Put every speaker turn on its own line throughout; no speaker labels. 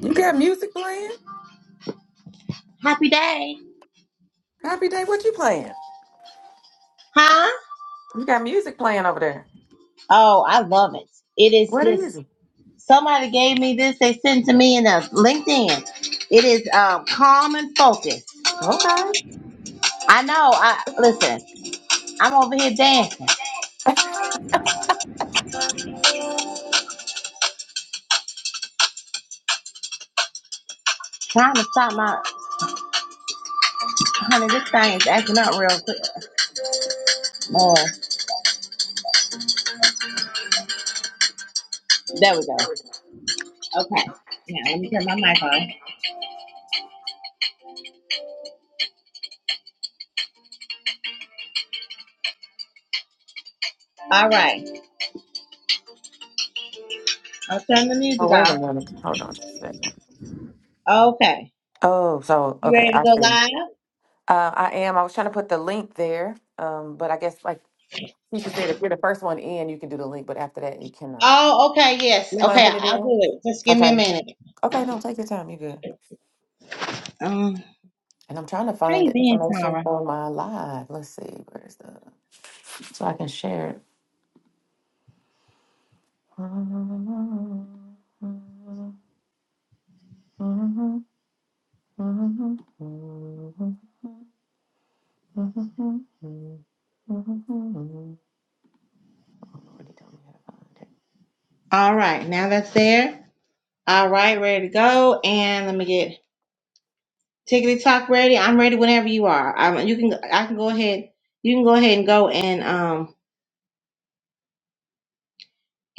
You got music playing?
Happy day.
Happy day, what you playing?
Huh?
You got music playing over there.
Oh, I love it. It is
What is
this.
it?
Somebody gave me this. They sent to me in a LinkedIn. It is um, calm and focused.
Okay.
I know. I listen. I'm over here dancing, trying to stop my honey. This thing is acting up real quick. Oh, there we go. Okay. Now let me turn my mic on. All right. I'll turn the
Oh,
music
wait
off.
a minute. Hold on just a second.
Okay.
Oh, so
You
okay,
ready to
I
go
see.
live?
Uh, I am. I was trying to put the link there, um, but I guess like teacher said, if you're the first one in, you can do the link, but after that, you cannot.
Oh, okay. Yes.
You mind
Okay.
putting it
I'll
in?
do it. Just give me
Okay.
a minute.
Okay, no, take your time. You good.
Um,
And I'm trying to
how
find
you
the
been,
information
Tara?
for my live. Let's see, where's the so I can share it. Lordy, don't we have a contact?
All right, now that's there. All right, ready to go. And let me get Tickety Talk ready. I'm ready whenever you are. Um, you can I can go ahead. You can go ahead and go and um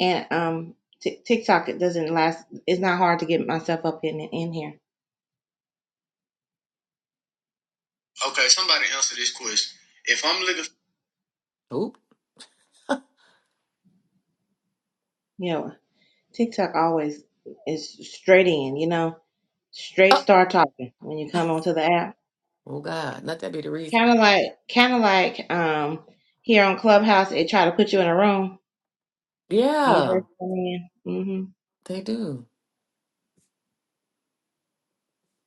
and um Tik TikTok. It doesn't last. It's not hard to get myself up in in here. Okay, somebody answer this question. If I'm looking,
Oop.
you know, TikTok always is straight in. You know, straight
Oh,
start talking when you come onto the app.
oh God, let that be the reason.
Kind of like, kind of like um here on Clubhouse, it try to put you in a room You
Yeah,
heard from me. Mm-hmm.
they do.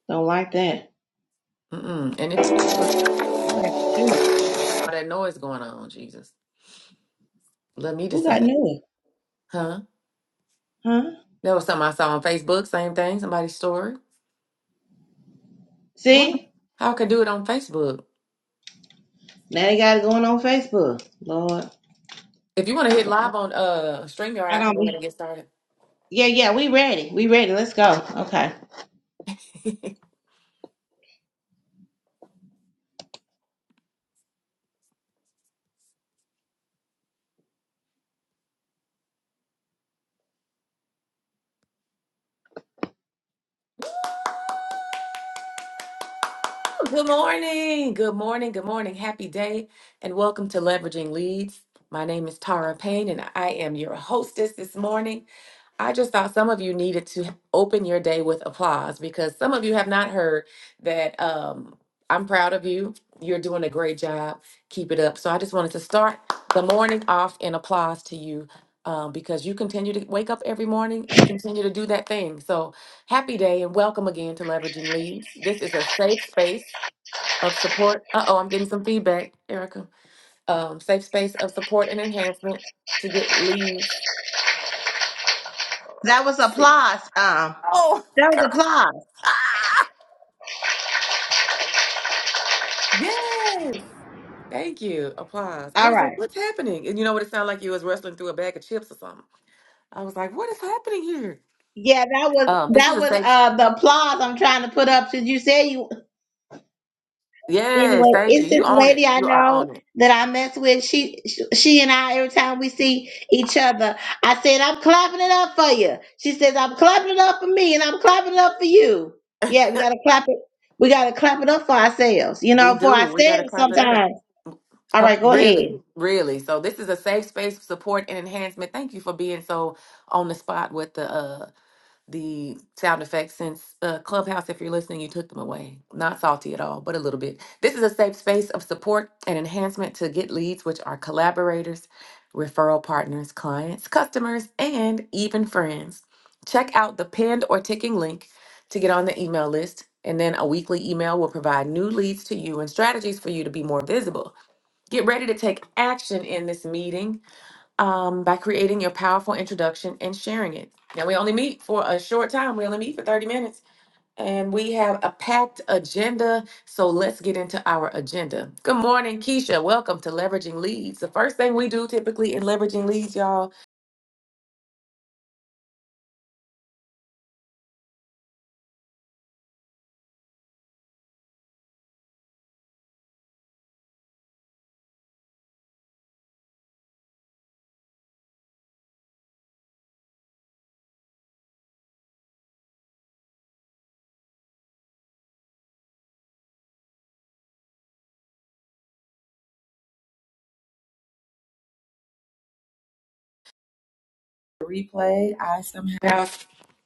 Don't like that.
Mm-mm. And
I,
it's
I like I like the truth.
all that noise going on, Jesus. Let me
Who got
decide.
new?
Huh?
Huh?
That was something I saw on Facebook, same thing, somebody's story. I wonder
See?
how I could do it on Facebook.
Now they got it going on Facebook. Lord.
If you want to hit live on uh StreamYard,
I
I can
don't
go ahead and
be
get started.
Yeah, yeah, we ready. We ready. Let's go. Okay.
Good morning. Good morning. Good morning. Happy day and welcome to Leveraging Leads. My name is Tara Payne and I am your hostess this morning. I just thought some of you needed to open your day with applause because some of you have not heard that um, I'm proud of you. You're doing a great job. Keep it up. So I just wanted to start the morning off in applause to you um, because you continue to wake up every morning and continue to do that thing. So happy day and welcome again to Leveraging Leads. This is a safe space of support. Uh oh, I'm getting some feedback, Erica. Um, safe space of support and enhancement to get leads.
That was
Let's See.
applause. Um
Oh,
that
girl.
was applause.
Ah! Yes. Thank you. Applause. I
All
was like,
right.
what's happening? And you know what? It sounded like you was wrestling through a bag of chips or something. I was like, what is happening here?
Yeah, that was
Um, this is
that
a
was
safe. s-
uh the applause I'm trying to put up since you said you
Yes.
Anyway,
Thank you.
it's this
You own
lady
it.
I
You are
know
on it.
that I mess with. She, she and I, every time we see each other, I said, I'm clapping it up for you. She says, I'm clapping it up for me and I'm clapping it up for you. Yeah, we got to clap it. We got to clap it up for ourselves, you
We
know, for
do. We got to
ourselves
clap it up.
sometimes. All
Come,
right, go
really,
ahead.
really. So this is a safe space support and enhancement. Thank you for being so on the spot with the uh the sound effects since uh, Clubhouse, if you're listening, you took them away. Not salty at all, but a little bit. This is a safe space of support and enhancement to get leads, which are collaborators, referral partners, clients, customers, and even friends. Check out the pinned or ticking link to get on the email list. And then a weekly email will provide new leads to you and strategies for you to be more visible. Get ready to take action in this meeting um, by creating your powerful introduction and sharing it. Now, we only meet for a short time, we only meet for 30 minutes, and we have a packed agenda. So, let's get into our agenda. Good morning, Keisha. Welcome to Leveraging Leads. The first thing we do typically in Leveraging Leads, y'all. replay. I somehow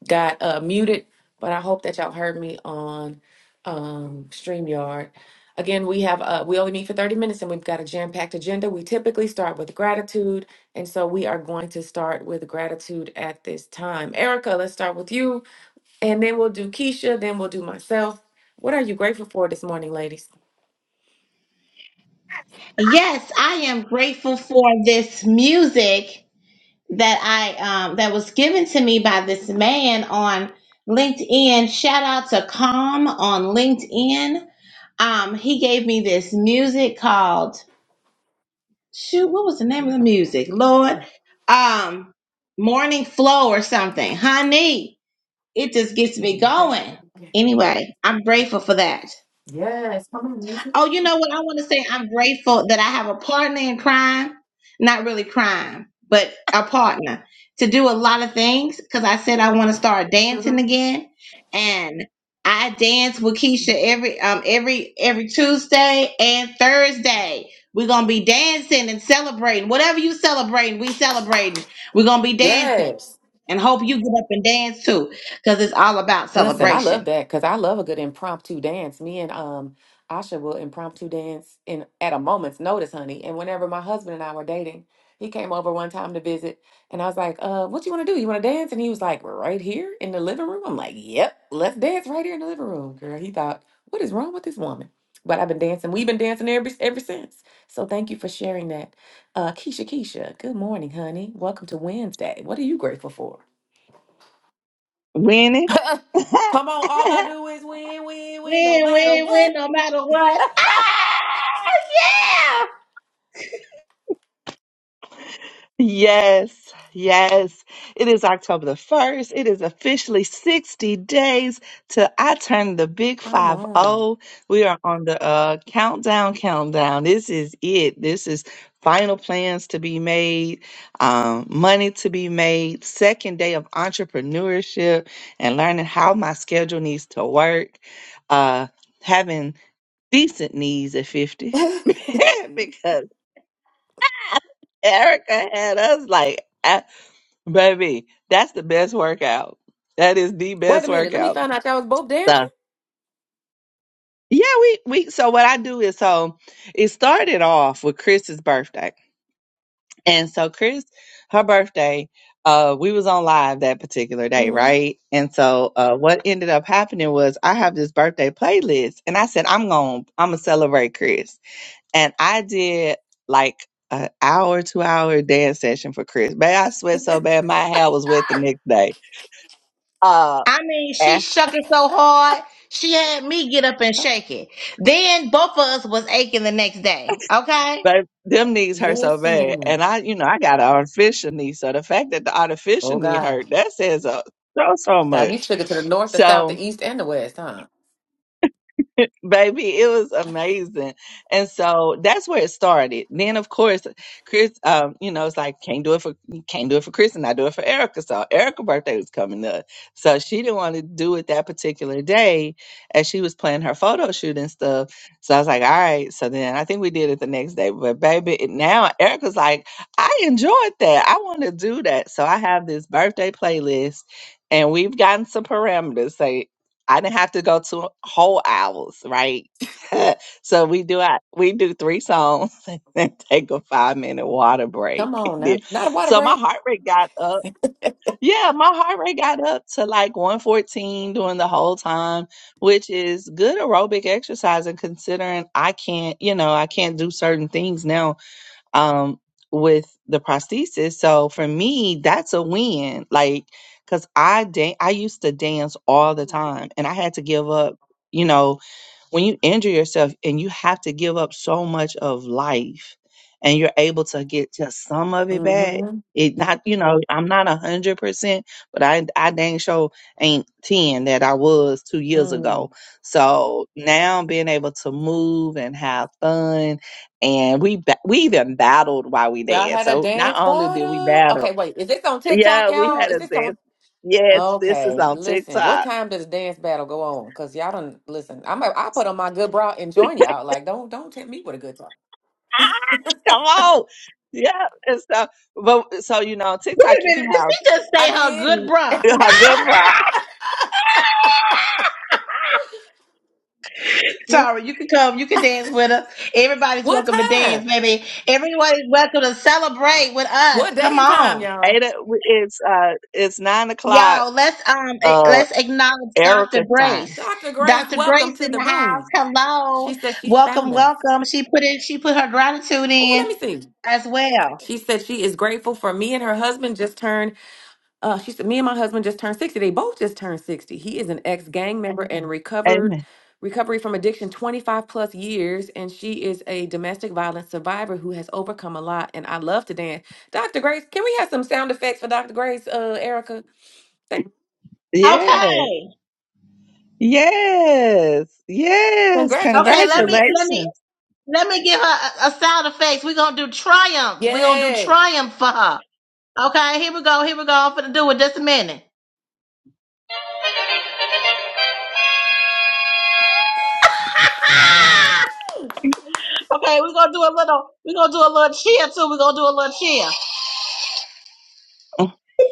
got uh, muted, but I hope that y'all heard me on um, StreamYard. Again, we have uh, we only meet for 30 minutes and we've got a jam-packed agenda. We typically start with gratitude, and so we are going to start with gratitude at this time. Erica, let's start with you, and then we'll do Keisha, then we'll do myself. What are you grateful for this morning, ladies?
Yes, I am grateful for this music that I, um, that was given to me by this man on LinkedIn. Shout out to Calm on LinkedIn um, he gave me this music called shoot, what was the name of the music? Lord, um, Morning Flow or something. Honey, it just gets me
Okay.
going. Anyway, I'm grateful for that.
Yes, come on, Lisa.
Oh, you know what? I want to say I'm grateful that I have a partner in crime, not really crime, but a partner to do a lot of things because I said I want to start dancing
Mhm.
again. And I dance with Keisha every um every every Tuesday and Thursday. We're gonna be dancing and celebrating. Whatever you celebrating, we celebrating. We're gonna be dancing
Yes.
and hope you get up and dance too, because it's all about
Listen, I love
celebration.
that because I love a good impromptu dance. Me and um Asha will impromptu dance in at a moment's notice, honey. And whenever my husband and I were dating, he came over one time to visit, and I was like, "Uh, what you want to do? You want to dance?" And he was like, "Right here in the living room." I'm like, "Yep, let's dance right here in the living room, girl." He thought, "What is wrong with this woman?" But I've been dancing. We've been dancing ever ever since. So thank you for sharing that, uh, Keisha. Keisha, good morning, honey. Welcome to Wednesday. What are you grateful for?
Winning.
Come on, all I do is win, win, win, no
Win,
matter
win,
what.
win, no matter what. Ah, yeah!
yes, yes. It is October the 1st. It is officially 60 days till I turn the big
Come
five
on.
zero. We are on the uh, countdown, countdown. This is it. This is final plans to be made, um, money to be made, second day of entrepreneurship and learning how my schedule needs to work, uh, having decent knees at 50.
Wait
because Erica had us like, ah, baby, that's the best workout. That is the best
a minute, let me
workout.
find out y'all was both
So,
dancing.
yeah, we, we, so what I do is, so it started off with Chris's birthday. And so Chris, her birthday, uh, we was on live that particular day,
hmm
right? And so, uh, what ended up happening was I have this birthday playlist and I said, I'm going, to I'm going to celebrate Chris. and I did like an hour, two hour dance session for Chris. Man, I sweat so bad, my hair was wet the next day. Uh,
I mean, she
and-
shook it so hard, she had me get up and shake it. Then both of us was aching the next day, okay?
but them knees hurt so bad,
Listen,
and I, you know, I got an artificial knee, so the fact that the artificial
oh
knee
God,
hurt that says uh, so so
God, you
much.
shook it to the north, the south,
So
the east, and the west, huh?
baby it was amazing and so that's where it started then of course chris um you know it's like can't do it for can't do it for chris and i do it for erica so erica's birthday was coming up so she didn't want to do it that particular day as she was planning her photo shoot and stuff so i was like all right so then i think we did it the next day but baby it- now erica's like i enjoyed that i want to do that so i have this birthday playlist and we've gotten some parameters. I didn't have to go to whole hours, right? so we do our, we do three songs and then take a five minute water break.
Come on
Then-
now, not a water
So my
break.
heart rate got up. Yeah, my heart rate got up to like 114 during the whole time, which is good aerobic exercise and considering I can't, you know, I can't do certain things now um, with the prosthesis. So for me, that's a win. Like, cause I dan- I used to dance all the time, and I had to give up. You know, when you injure yourself and you have to give up so much of life and you're able to get just some of it back
Mm.
it not you know i'm not a hundred percent but i i dang sure ain't 10 that i was two
hmm
years
Mm.
ago so now being able to move and have fun and we ba- we even battled while we
Y'all
danced
had a
so not
dance
only did we
battle.
battle
Okay, wait, is this on TikTok,
yeah we
y'all?
had
Is
a
this
dance
on?
yes this is
Okay,
on
listen,
tiktok
what time does dance battle go on? Cause y'all don't listen. I'm a, I put on my good bra and join y'all. Like, don't don't tempt me with a good time.
Come on. Yeah. And so, but so, you know, on
Wait a
TikTok, you
minute,
can
did
have
she just say her
I
good bra?
did.
a good bra.
Tara, you can come, you can dance with us. Everybody's
what
welcome to dance,
time?
baby. Everybody's welcome to celebrate with us.
What day
Come
and time,
on.
Eight,
y'all?
o- it's, uh, it's nine o'clock,
Y'all, let's um eh,
uh,
let's acknowledge Dr.
Erica's time.
Grace.
Dr. Grace,
Dr.
welcome
Grace
to
in
the
the house.
room. She
Hello.
said she
Welcome,
found us.
welcome. She put in she put her gratitude
Oh,
in
let me see.
as well.
She said she is grateful for me and her husband just turned. Uh, she said me and my husband just turned sixty. They both just turned sixty. He is an ex gang member and recovered
Amen.
recovery from addiction twenty five plus years, and she is a domestic violence survivor who has overcome a lot. And I love to dance. Dr. Grace, can we have some sound effects for Dr. Grace? Uh, Erica, thank
Yes.
Okay.
Yes. Yes.
Okay, let me
Congratulations.
let
Congratulations.
me let me give her a, a sound effects. We're gonna do triumph. We're gonna do
Yes.
triumph for her. Okay, here we go, here we go. I'm gonna do it just a minute. Okay, we're gonna do a little we're gonna do a little cheer too. We're gonna do a little cheer.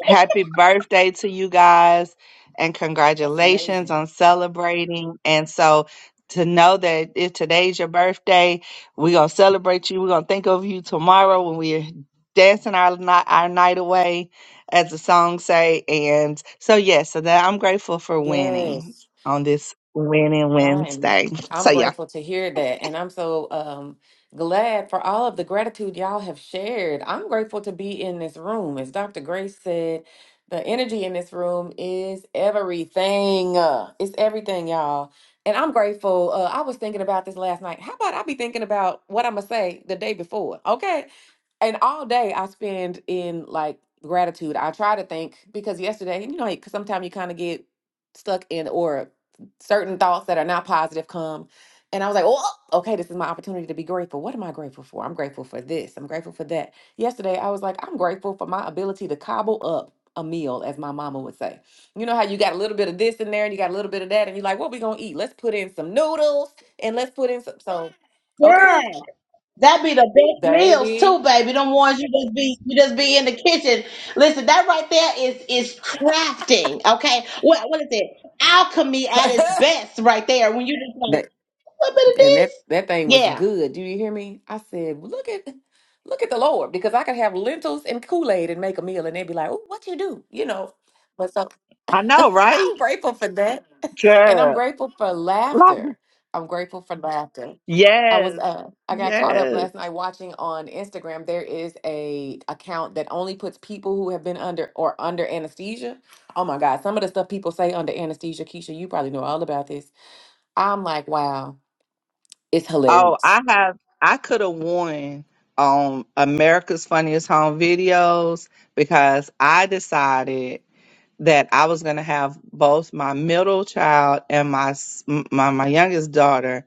Happy birthday to you guys and
That's
congratulations
amazing.
on celebrating. And so to know that if today's your birthday, we're going to celebrate you. We're going to think of you tomorrow when we're dancing our night, our night away, as the song say. And so, yes, so that I'm grateful for winning
Yes.
on this winning
I'm
Wednesday. So,
I'm
yeah,
grateful to hear that, and I'm so um glad for all of the gratitude y'all have shared. I'm grateful to be in this room. As Dr. Grace said, the energy in this room is everything. Uh, It's everything, y'all. And I'm grateful. Uh, I was thinking about this last night. How about I be thinking about what I'm gonna say the day before? Okay, and all day I spend in like gratitude. I try to think because yesterday, you know, because sometimes you kind of get stuck in or certain thoughts that are not positive come. And I was like, oh, okay, this is my opportunity to be grateful. What am I grateful for? I'm grateful for this. I'm grateful for that. Yesterday, I was like, I'm grateful for my ability to cobble up a meal, as my mama would say. You know how you got a little bit of this in there and you got a little bit of that, and you're like, what we gonna eat? Let's put in some noodles and let's put in some. So,
Yeah.
okay,
That be the best meals
baby.
too, baby. Them ones you just be you just be in the kitchen. Listen, that right there is is crafting. Okay, what what is it? Alchemy at its best, right there. When you just like a little bit of
and
this,
that that thing was
yeah.
good. Do you hear me? I said, "Well, look at look at the Lord, because I could have lentils and Kool Aid and make a meal, and they'd be like, "Oh, what you do?" You know. But so
I know, right?
I'm grateful for that, and I'm
Girl.
grateful for laughter. I'm grateful for laughter. I was
Yes.
uh I got caught up
Yes.
last night watching on Instagram. There is a account that only puts people who have been under or under anesthesia. Oh my God, some of the stuff people say under anesthesia, Keisha, you probably know all about this. I'm like, wow. It's
Oh,
hilarious.
I have. I could have won on America's Funniest Home Videos because I decided that I was going to have both my middle child and my s- my my youngest daughter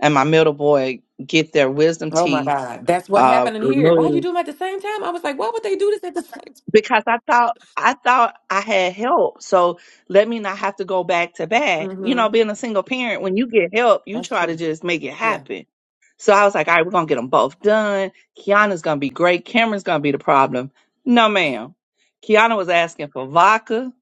and my middle boy get their wisdom
Oh my
teeth
God. That's what
uh,
happened in here. Why
removed
you do them at the same time? I was like, why would they do this at the same
because I thought I thought I had help. So let me not have to go back to back.
time?
You
hmm
know, being a single parent, when you get help, you
That's
try to
true.
just make it
Yeah.
happen. So I was like, all right, we're gonna get them both done. Kiana's gonna be great. Cameron's gonna be the problem. No, ma'am. Kiana was asking for vodka.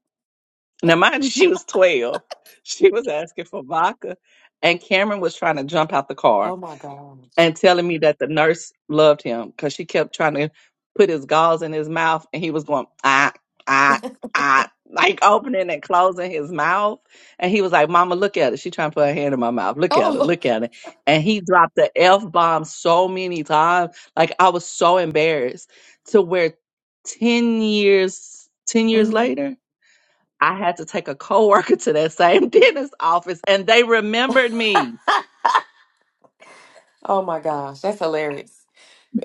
Now, mind you, she was twelve. She was asking for vodka, and Cameron was trying to jump out the car
Oh my gosh.
and telling me that the nurse loved him because she kept trying to put his gauze in his mouth and he was going ah ah ah like opening and closing his mouth and he was like mama look at it she trying to put her hand in my mouth look at it
Oh,
look at it and he dropped the f-bomb so many times like i was so embarrassed to where 10 years 10 years
hmm
later i had to take a coworker to that same dentist office and they remembered me
oh my gosh. That's hilarious.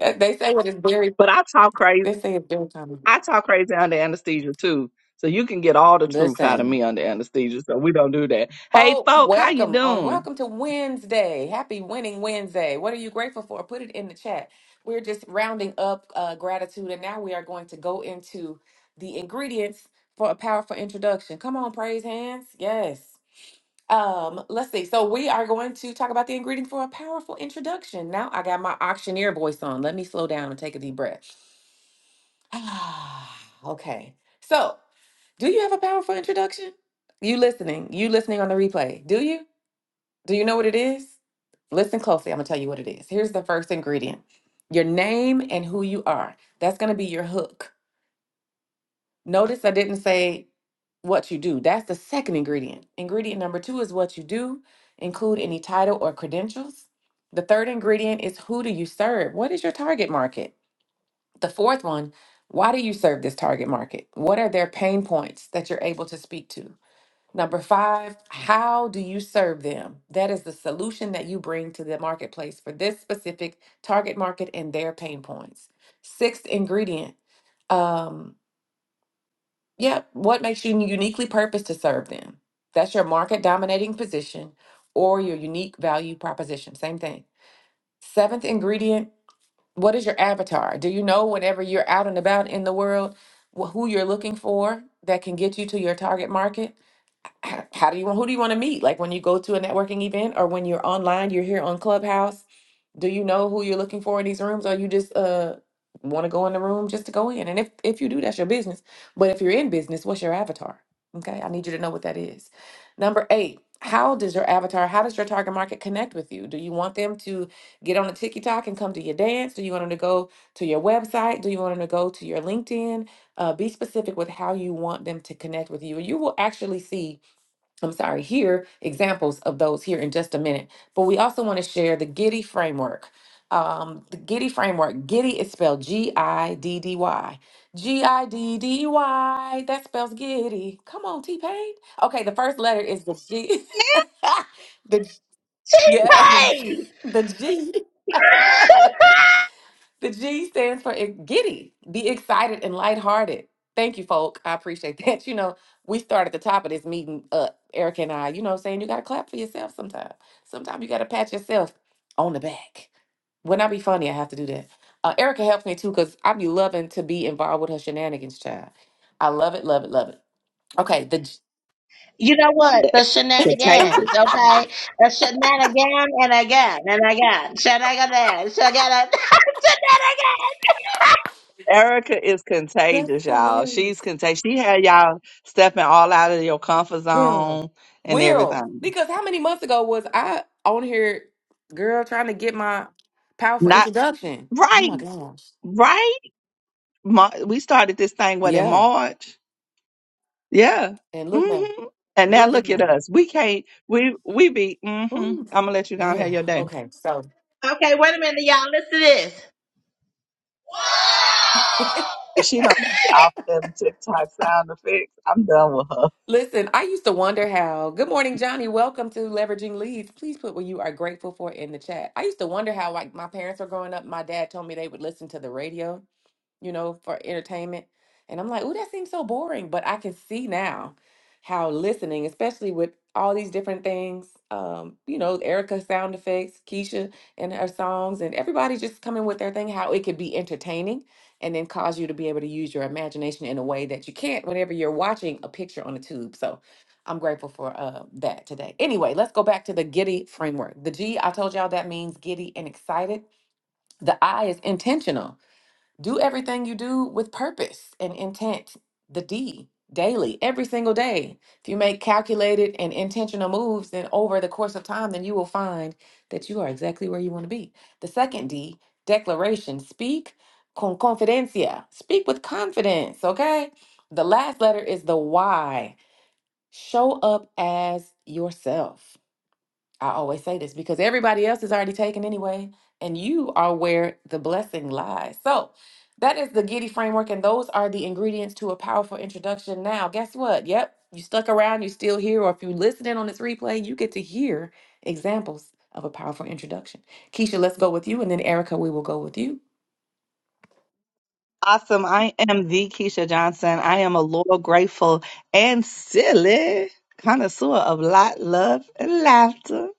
Uh, They say it is very,
but i talk crazy
they say it's very common.
I talk crazy under anesthesia too. So you can get all the truth out of
Listen,
me under anesthesia. So we don't do that. Hey
Folk,
folk, how you
welcome on
doing?
welcome to Wednesday. Happy winning Wednesday. What are you grateful for? Put it in the chat. We're just rounding up uh, gratitude, and now we are going to go into the ingredients for a powerful introduction. Come on, praise hands. Yes. Um, let's see. So we are going to talk about the ingredients for a powerful introduction. Now I got my auctioneer voice on. Let me slow down and take a deep breath. Ah. okay. So do you have a powerful introduction? You listening, you listening on the replay. Do you? Do you know what it is? Listen closely. I'm going to tell you what it is. Here's the first ingredient your name and who you are. That's going to be your hook. Notice I didn't say what you do. That's the second ingredient. Ingredient number two is what you do, include any title or credentials. The third ingredient is who do you serve? What is your target market? The fourth one, why do you serve this target market? What are their pain points that you're able to speak to? Number five, how do you serve them? That is the solution that you bring to the marketplace for this specific target market and their pain points. Sixth ingredient, um, yeah, what makes you uniquely purposed to serve them? That's your market dominating position or your unique value proposition. Same thing. Seventh ingredient, what is your avatar? Do you know whenever you're out and about in the world wh- who you're looking for that can get you to your target market? h- how do you want who do you want to meet like when you go to a networking event or when you're online you're here on clubhouse do you know who you're looking for in these rooms or you just uh want to go in the room just to go in and if if you do that's your business but if you're in business what's your avatar okay i need you to know what that is number eight how does your avatar how does your target market connect with you do you want them to get on a tiktok and come to your dance do you want them to go to your website do you want them to go to your linkedin uh, be specific with how you want them to connect with you and you will actually see I'm sorry, hear examples of those here in just a minute. But we also want to share the Giddy framework. Um, the Giddy framework, Giddy is spelled G I D D Y. G I D D Y, that spells Giddy. Come on, T Pain. Okay, the first letter is the G. the, yes,
T-Pain!
the G. The G stands for ex- giddy. Be excited and lighthearted. Thank you, folk. I appreciate that. You know, we start at the top of this meeting up, Erica and I, you know what I'm saying? You got to clap for yourself sometime. Sometimes you got to pat yourself on the back. When I be funny, I have to do that. Uh, Erica helps me too because I be loving to be involved with her shenanigans, child. I love it, love it, love it. Okay, the G-
You know what? The
Contagious.
shenanigans, okay? The shenanigan and again and again. Shenanigan, shenanigan, shenanigan.
Erica is
that's
contagious, y'all.
hilarious.
She's contagious. She had y'all stepping all out of your comfort
Girl.
zone and
Will.
everything.
Because how many months ago was I on here, girl, trying to get my powerful
Not
introduction? Oh
right,
my gosh.
right. Mar- we started this thing what in
Yeah.
March? Yeah.
And look now.
hmm And now
Look at
look at
now.
us. We can't. We we be. hmm I'm
Ooh.
gonna let you down.
Yeah.
Have your day.
Okay. So
Okay, wait a minute, y'all. Listen to this.
If she don't get off them TikTok sound effects, I'm done with her.
listen, I used to wonder how. Good morning, Johnny. Welcome to Leveraging Leads. Please put what you are grateful for in the chat. I used to wonder how, like, my parents were growing up. My dad told me they would listen to the radio you know, for entertainment. And I'm like, oh, that seems so boring. But I can see now how listening, especially with all these different things, um, you know, Erica sound effects, Keisha and her songs, and everybody just coming with their thing, how it could be entertaining and then cause you to be able to use your imagination in a way that you can't whenever you're watching a picture on a tube. So I'm grateful for uh, that today. Anyway, let's go back to the giddy framework. The G, I told y'all that means giddy and excited. The I is intentional do everything you do with purpose and intent, the D, daily, every single day. If you make calculated and intentional moves, then over the course of time, then you will find that you are exactly where you want to be. The second D, declaration, speak con confidencia, speak with confidence, okay? The last letter is the Y, show up as yourself. I always say this because everybody else is already taken anyway, and you are where the blessing lies. So, that is the Giddy framework, and those are the ingredients to a powerful introduction. Now, guess what? Yep, you stuck around, you're still here, or if you're listening on this replay, you get to hear examples of a powerful introduction. Keisha, let's go with you, and then Erica, we will go with you.
Awesome. I am the Keisha Johnson. I am a loyal, grateful, and silly connoisseur of light, love, and laughter.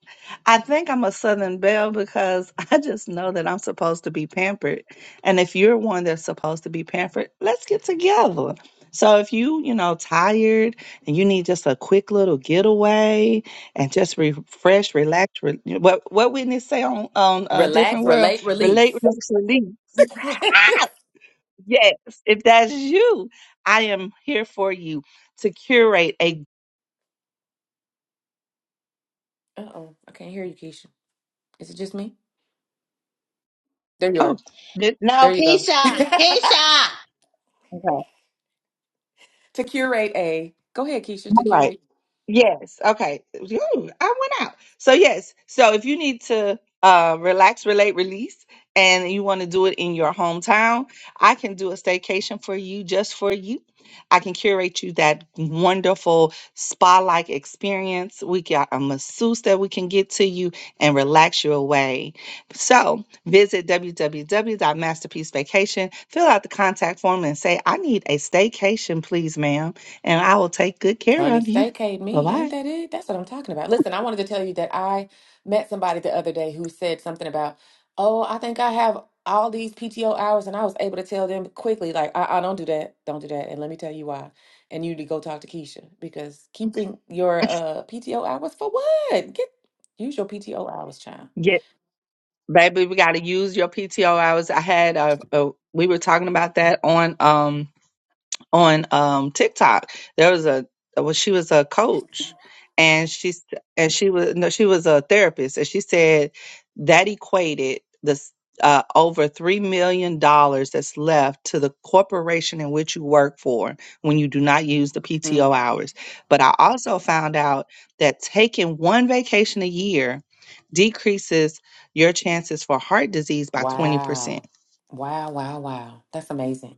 I think I'm a Southern Belle because I just know that I'm supposed to be pampered. And if you're one that's supposed to be pampered, let's get together. So if you, you know, tired and you need just a quick little getaway and just refresh, relax, re- what what Whitney say on on a different
Relax,
world,
relate, release.
relate, relax, release. Yes, if that's you, I am here for you to curate a.
Uh-oh, I can't hear you, Keisha. Is it just me? There you
Oh,
are.
this-
There
No,
you go.
Keisha,
to
Keisha. Okay
curate a, go ahead, Keisha, to
all right.
curate.
Yes. Okay. Ooh, I went out. So yes. So if you need to uh relax, relate, release, and you want to do it in your hometown, I can do a staycation for you just for you. I can curate you that wonderful spa-like experience. We got a masseuse that we can get to you and relax you away. So visit www.masterpiecevacation, fill out the contact form and say, I need a staycation, please, ma'am, and I will take good care
Honey,
of you.
staycate
Bye
me. Ain't
bye.
that it? That's what I'm talking about. Listen, I wanted to tell you that I met somebody the other day who said something about, oh, I think I have all these PTO hours. And I was able to tell them quickly, like, I, I don't do that. Don't do that. And let me tell you why. And you need to go talk to Keisha because keeping your uh, PTO hours for what? Get use your PTO hours, child.
Get baby, we gotta use your PTO hours. I had a, a we were talking about that on um on um TikTok. There was a well, she was a coach, and she and she was no, she was a therapist, and she said that equated this uh, over three million dollars that's left to the corporation in which you work for when you do not use the PTO
Mm.
hours. But I also found out that taking one vacation a year decreases your chances for heart disease by 20%.
Wow. Wow, wow, wow. That's amazing.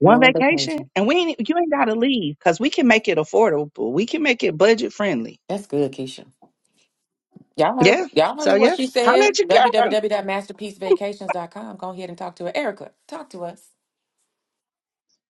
One vacation,
vacation.
and we ain't, you ain't got to leave because we can make it affordable. We can make it budget friendly.
That's good, Keisha. Y'all heard,
Yeah.
y'all
So
heard what
yeah,
she
holla at
said.
your
w
girl.
w w dot masterpiece vacations dot com. Go ahead and talk to her. Erica, talk to us.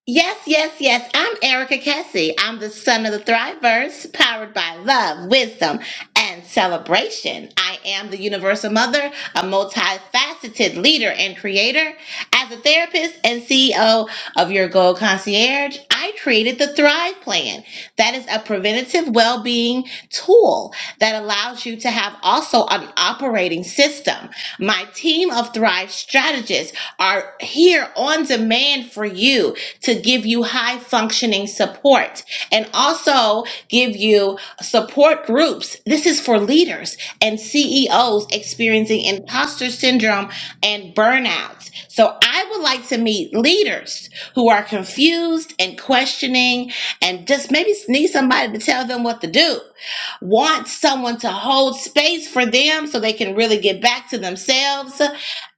Yes, yes, yes. I'm Erica Kessie. I'm the son of the Thrivers, powered by love, wisdom, and celebration. I am the universal mother, a multifaceted leader and creator. As a therapist and CEO of Your Goal Concierge, I created the Thrive Plan. That is a preventative well being tool that allows you to have also an operating system. My team of Thrive strategists are here on demand for you to give you high functioning support and also give you support groups. This is for leaders and CEOs experiencing imposter syndrome and burnouts. So I would like to meet leaders who are confused and questioning and just maybe need somebody to tell them what to do want someone to hold space for them so they can really get back to themselves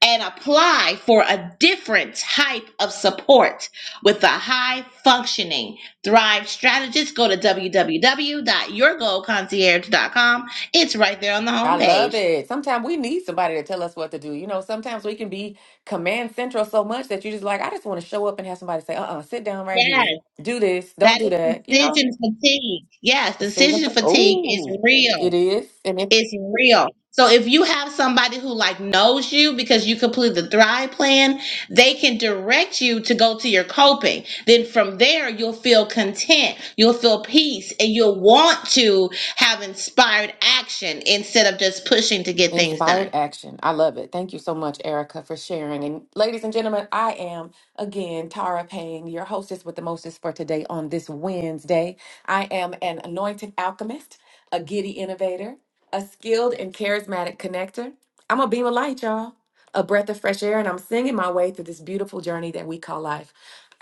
and apply for a different type of support with a high functioning Thrive strategist. Go to www.yourgoalconcierge.com. It's right there on the
I
homepage.
love it. Sometimes we need somebody to tell us what to do. You know, sometimes we can be command central so much that you just like, I just want to show up and have somebody say, uh uh sit down right
Yes,
here. Do this. Don't
that
do
is
that. You know,
decision fatigue. Yes,
decision.
decision fatigue is
Oh,
real.
it is. And if
It's real. So if you have somebody who like knows you because you complete the Thrive plan, they can direct you to go to your coping. Then from there, you'll feel content, you'll feel peace, and you'll want to have inspired action instead of just pushing to get things
Inspired
done.
action. I love it. Thank you so much, Erica, for sharing. And ladies and gentlemen, I am again Tara Payne, your hostess with the mostest for today on this Wednesday. I am an anointed alchemist, a giddy innovator, a skilled and charismatic connector. I'm a beam of light, y'all, a breath of fresh air, and I'm singing my way through this beautiful journey that we call life.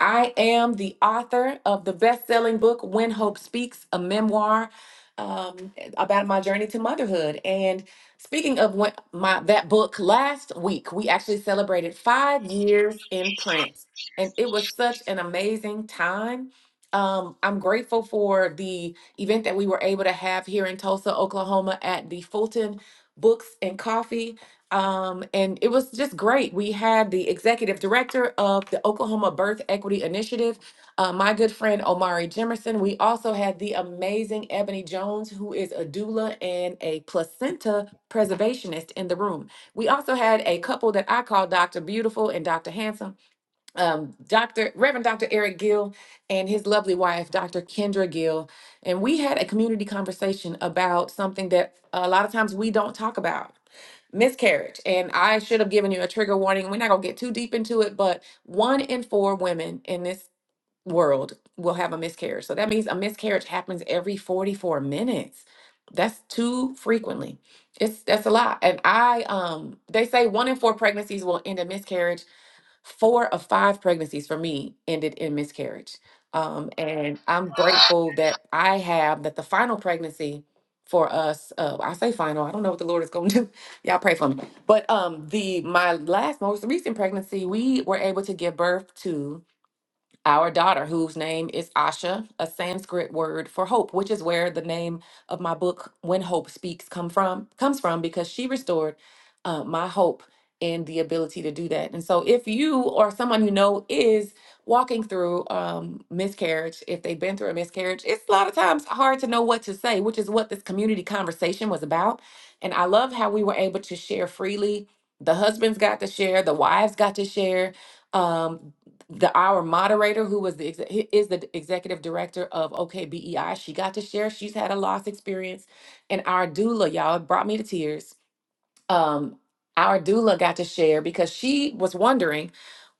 I am the author of the best selling book, When Hope Speaks, a memoir um, about my journey to motherhood. And Speaking of when my that book last week, we actually celebrated five years in print, and it was such an amazing time. Um, I'm grateful for the event that we were able to have here in Tulsa, Oklahoma, at the Fulton Books and Coffee. Um, and it was just great. We had the executive director of the Oklahoma Birth Equity Initiative, uh, my good friend Omari Jemerson. We also had the amazing Ebony Jones, who is a doula and a placenta preservationist in the room. We also had a couple that I call Dr. Beautiful and Dr. Handsome, um, Dr. Reverend Dr. Eric Gill and his lovely wife, Dr. Kendra Gill. And we had a community conversation about something that a lot of times we don't talk about miscarriage. And I should have given you a trigger warning. We're not going to get too deep into it, but one in four women in this world will have a miscarriage. So that means a miscarriage happens every 44 minutes. That's too frequently. It's that's a lot. And I um they say one in four pregnancies will end in miscarriage. Four of five pregnancies for me ended in miscarriage. Um and I'm grateful that I have that the final pregnancy for us uh I say final, I don't know what the Lord is going to do. Y'all pray for me. But um the my last most recent pregnancy, we were able to give birth to our daughter, whose name is Asha, a Sanskrit word for hope, which is where the name of my book "When Hope Speaks" come from comes from, because she restored uh, my hope and the ability to do that. And so, if you or someone you know is walking through um, miscarriage, if they've been through a miscarriage, it's a lot of times hard to know what to say, which is what this community conversation was about. And I love how we were able to share freely. The husbands got to share, the wives got to share. Um, the our moderator who was the exe- he is the executive director of OKBEI. She got to share. She's had a loss experience, and our doula, y'all, it brought me to tears um, our doula got to share because she was wondering,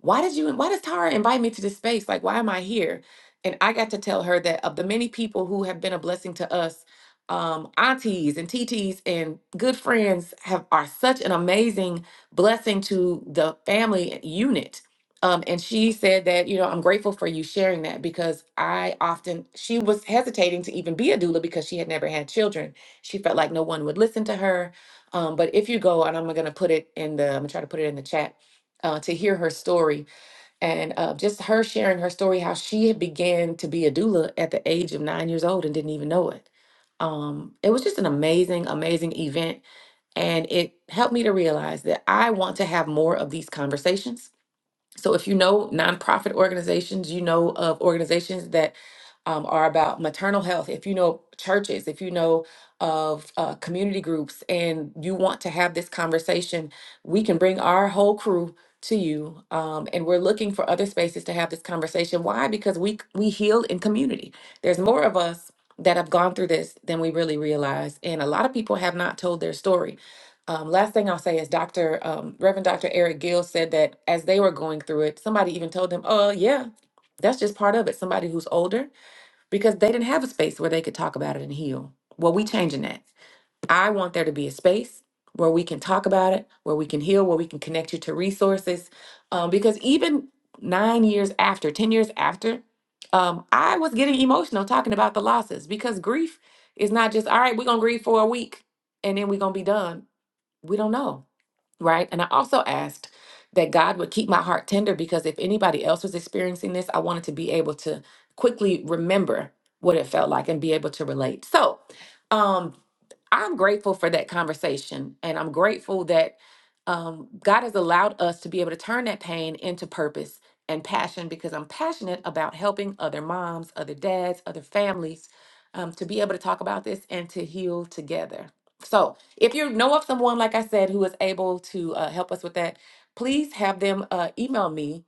why did you, why does Tara invite me to this space? Like, why am I here? And I got to tell her that of the many people who have been a blessing to us, um, aunties and TTs and good friends have are such an amazing blessing to the family unit. Um, and she said that, you know, I'm grateful for you sharing that because I often, she was hesitating to even be a doula because she had never had children. She felt like no one would listen to her um, but if you go, and I'm gonna put it in the, I'm gonna try to put it in the chat uh, to hear her story and uh, just her sharing her story, how she had began to be a doula at the age of nine years old and didn't even know it. Um, it was just an amazing, amazing event, and it helped me to realize that I want to have more of these conversations so if you know nonprofit organizations, you know of organizations that um, are about maternal health, if you know churches, if you know of uh, community groups, and you want to have this conversation, we can bring our whole crew to you. Um, and we're looking for other spaces to have this conversation. Why? Because we we heal in community. There's more of us that have gone through this than we really realize, and a lot of people have not told their story um, last thing I'll say is Dr. Um, Reverend Dr. Eric Gill said that as they were going through it, somebody even told them, oh, yeah, that's just part of it. Somebody who's older, because they didn't have a space where they could talk about it and heal. Well, we changing that. I want there to be a space where we can talk about it, where we can heal, where we can connect you to resources. Um, because even nine years after, 10 years after, um, I was getting emotional talking about the losses because grief is not just, all right, we're going to grieve for a week and then we're going to be done. We don't know right? And I also asked that God would keep my heart tender because if anybody else was experiencing this, I wanted to be able to quickly remember what it felt like and be able to relate. So, um, I'm grateful for that conversation, and I'm grateful that um, God has allowed us to be able to turn that pain into purpose and passion because I'm passionate about helping other moms, other dads, other families um, to be able to talk about this and to heal together. So, if you know of someone, like I said, who is able to uh, help us with that, please have them uh, email me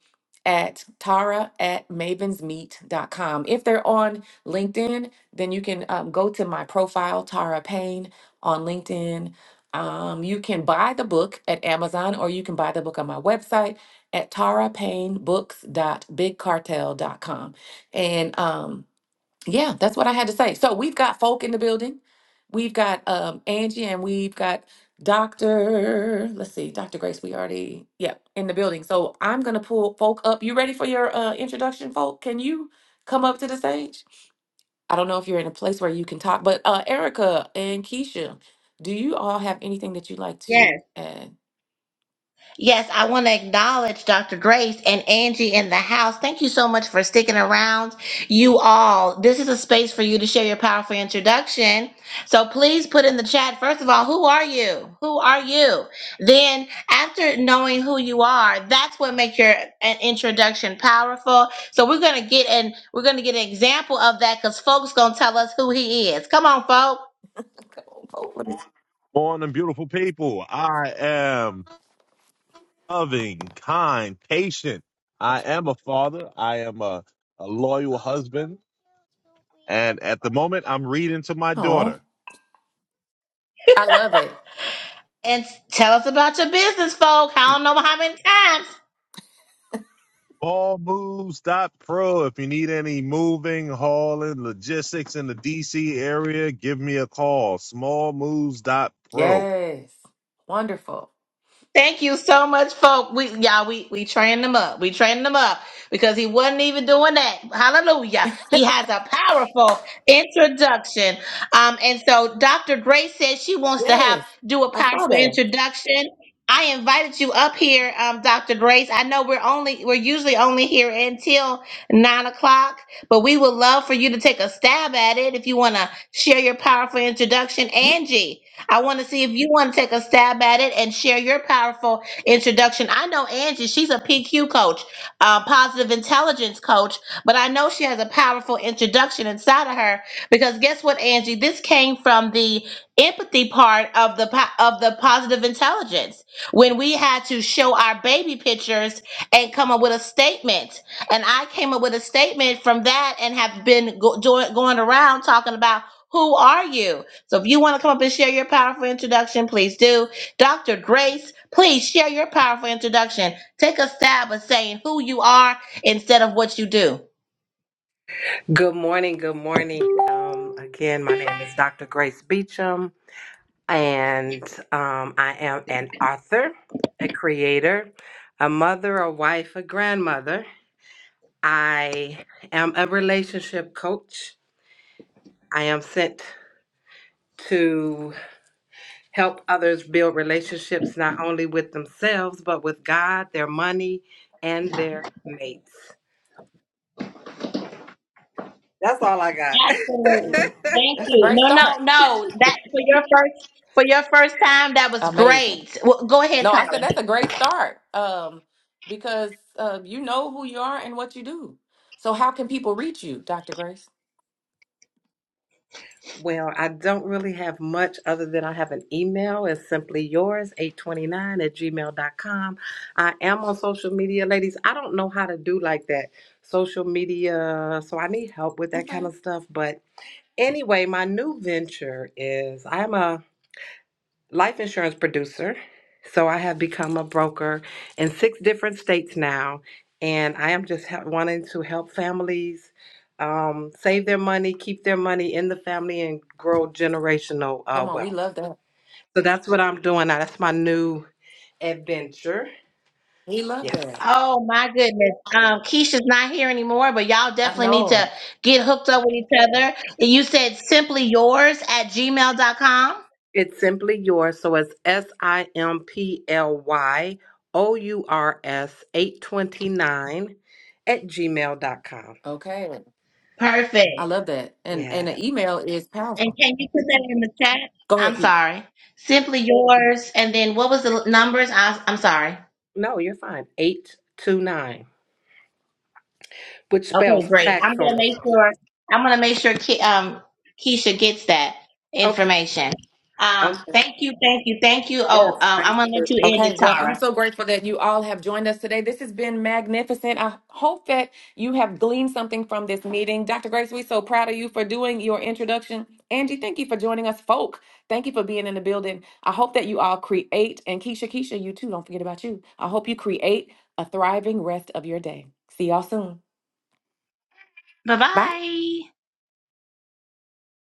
at tara at mavensmeet.com. If they're on LinkedIn, then you can um, go to my profile, Tara Payne, on LinkedIn. Um, you can buy the book at Amazon or you can buy the book on my website at tara payne books dot big cartel dot com, And um, yeah, that's what I had to say. So we've got folk in the building. We've got um Angie and we've got Dr. Let's see, Dr. Grace, we already, yeah, in the building. So I'm gonna pull folk up. You ready for your uh introduction, folk? Can you come up to the stage? I don't know if you're in a place where you can talk, but uh Erica and Keisha, do you all have anything that you'd like
Yes.
to add?
Yes, I want to acknowledge Dr. Grace and Angie in the house. Thank you so much for sticking around, you all. This is a space for you to share your powerful introduction. So please put in the chat, first of all, who are you? Who are you? Then, after knowing who you are, that's what makes your uh, introduction powerful. So we're gonna get an we're gonna get an example of that because folks gonna tell us who he is. Come on, folk,
Morning, beautiful people. I am loving, kind, patient. I am a father. I am a, a loyal husband. And at the moment, I'm reading to my
Oh,
daughter.
I love it.
and s- tell us about your business, folk. I don't know how many times.
ball moves. dot Pro. If you need any moving, hauling, logistics in the DC area, give me a call. Small moves. dot Pro.
Yes. Wonderful.
Thank you so much, folk. We y'all, we we trained him up. We trained him up because he wasn't even doing that. Hallelujah. He has a powerful introduction. Um, and so Dr. Grace says she wants to have
Yes.
do a
I saw
powerful
that.
introduction. I invited you up here, um, Dr. Grace. I know we're only we're usually only here until nine o'clock, but we would love for you to take a stab at it if you want to share your powerful introduction. Angie, I want to see if you want to take a stab at it and share your powerful introduction. I know Angie, she's a PQ coach, uh, positive intelligence coach, but I know she has a powerful introduction inside of her because guess what, Angie? This came from the empathy part of the po- of the positive intelligence when we had to show our baby pictures and come up with a statement. And I came up with a statement from that and have been go- doing, going around talking about who are you? So if you want to come up and share your powerful introduction, please do. Dr. Grace, please share your powerful introduction. Take a stab at saying who you are instead of what you do.
Good morning. Good morning. Um, again, my name is Dr. Grace Beecham, and um, I am an author, a creator, a mother, a wife, a grandmother. I am a relationship coach. I am sent to help others build relationships not only with themselves, but with God, their money, and their mates. That's all I
Absolutely.
got.
Thank
That's a
you.
great
No, no,
start.
no. That for your first for your first time, that was
Amazing.
great. Well, go ahead,
No, I said that's
Tommy.
a great start. Um, because uh, you know who you are and what you do. So how can people reach you, Dr. Grace?
Well, I don't really have much other than I have an email. It's simply yours, 829 at gmail dot com. I am on social media, ladies. I don't know how to do like that social media, so I need help with that kind
Okay.
of stuff. But anyway, my new venture is I'm a life insurance producer. So I have become a broker in six different states now, and I am just hel- wanting to help families um, save their money, keep their money in the family, and grow generational uh,
Come on, we
wealth.
love that.
So that's what I'm doing now. That's my new adventure.
We love
Yes.
that.
Oh my goodness. Um, Keisha's not here anymore, but y'all
I
definitely need to
know.
get hooked up with each other. You said simply yours at gmail dot com.
It's simply yours. So it's S I M P L Y O U R S 829 at gmail dot com.
Okay. I
Perfect.
love that. And and
gmail.com.
the email is
And
powerful.
can you put that in the chat?
Go
I'm
ahead, Keith.
sorry. Simply yours. And then what was the numbers? I, I'm sorry.
No, you're fine. 829, which spells
Okay, great.
tax
I'm
on
gonna make
the.
sure. I'm gonna make sure Ke- um, Keisha gets that
Okay.
information. Um,
Okay.
thank you, thank you, thank you.
Yes.
Oh, um,
Thank
I'm gonna
you.
let you end
Okay,
it,
well, I'm
Tara.
so grateful that you all have joined us today. This has been magnificent. I hope that you have gleaned something from this meeting. Dr. Grace, we're so proud of you for doing your introduction. Angie, thank you for joining us, folk. Thank you for being in the building. I hope that you all create, and Keisha, Keisha, you too, don't forget about you. I hope you create a thriving rest of your day. See y'all soon.
Bye
Bye.
bye.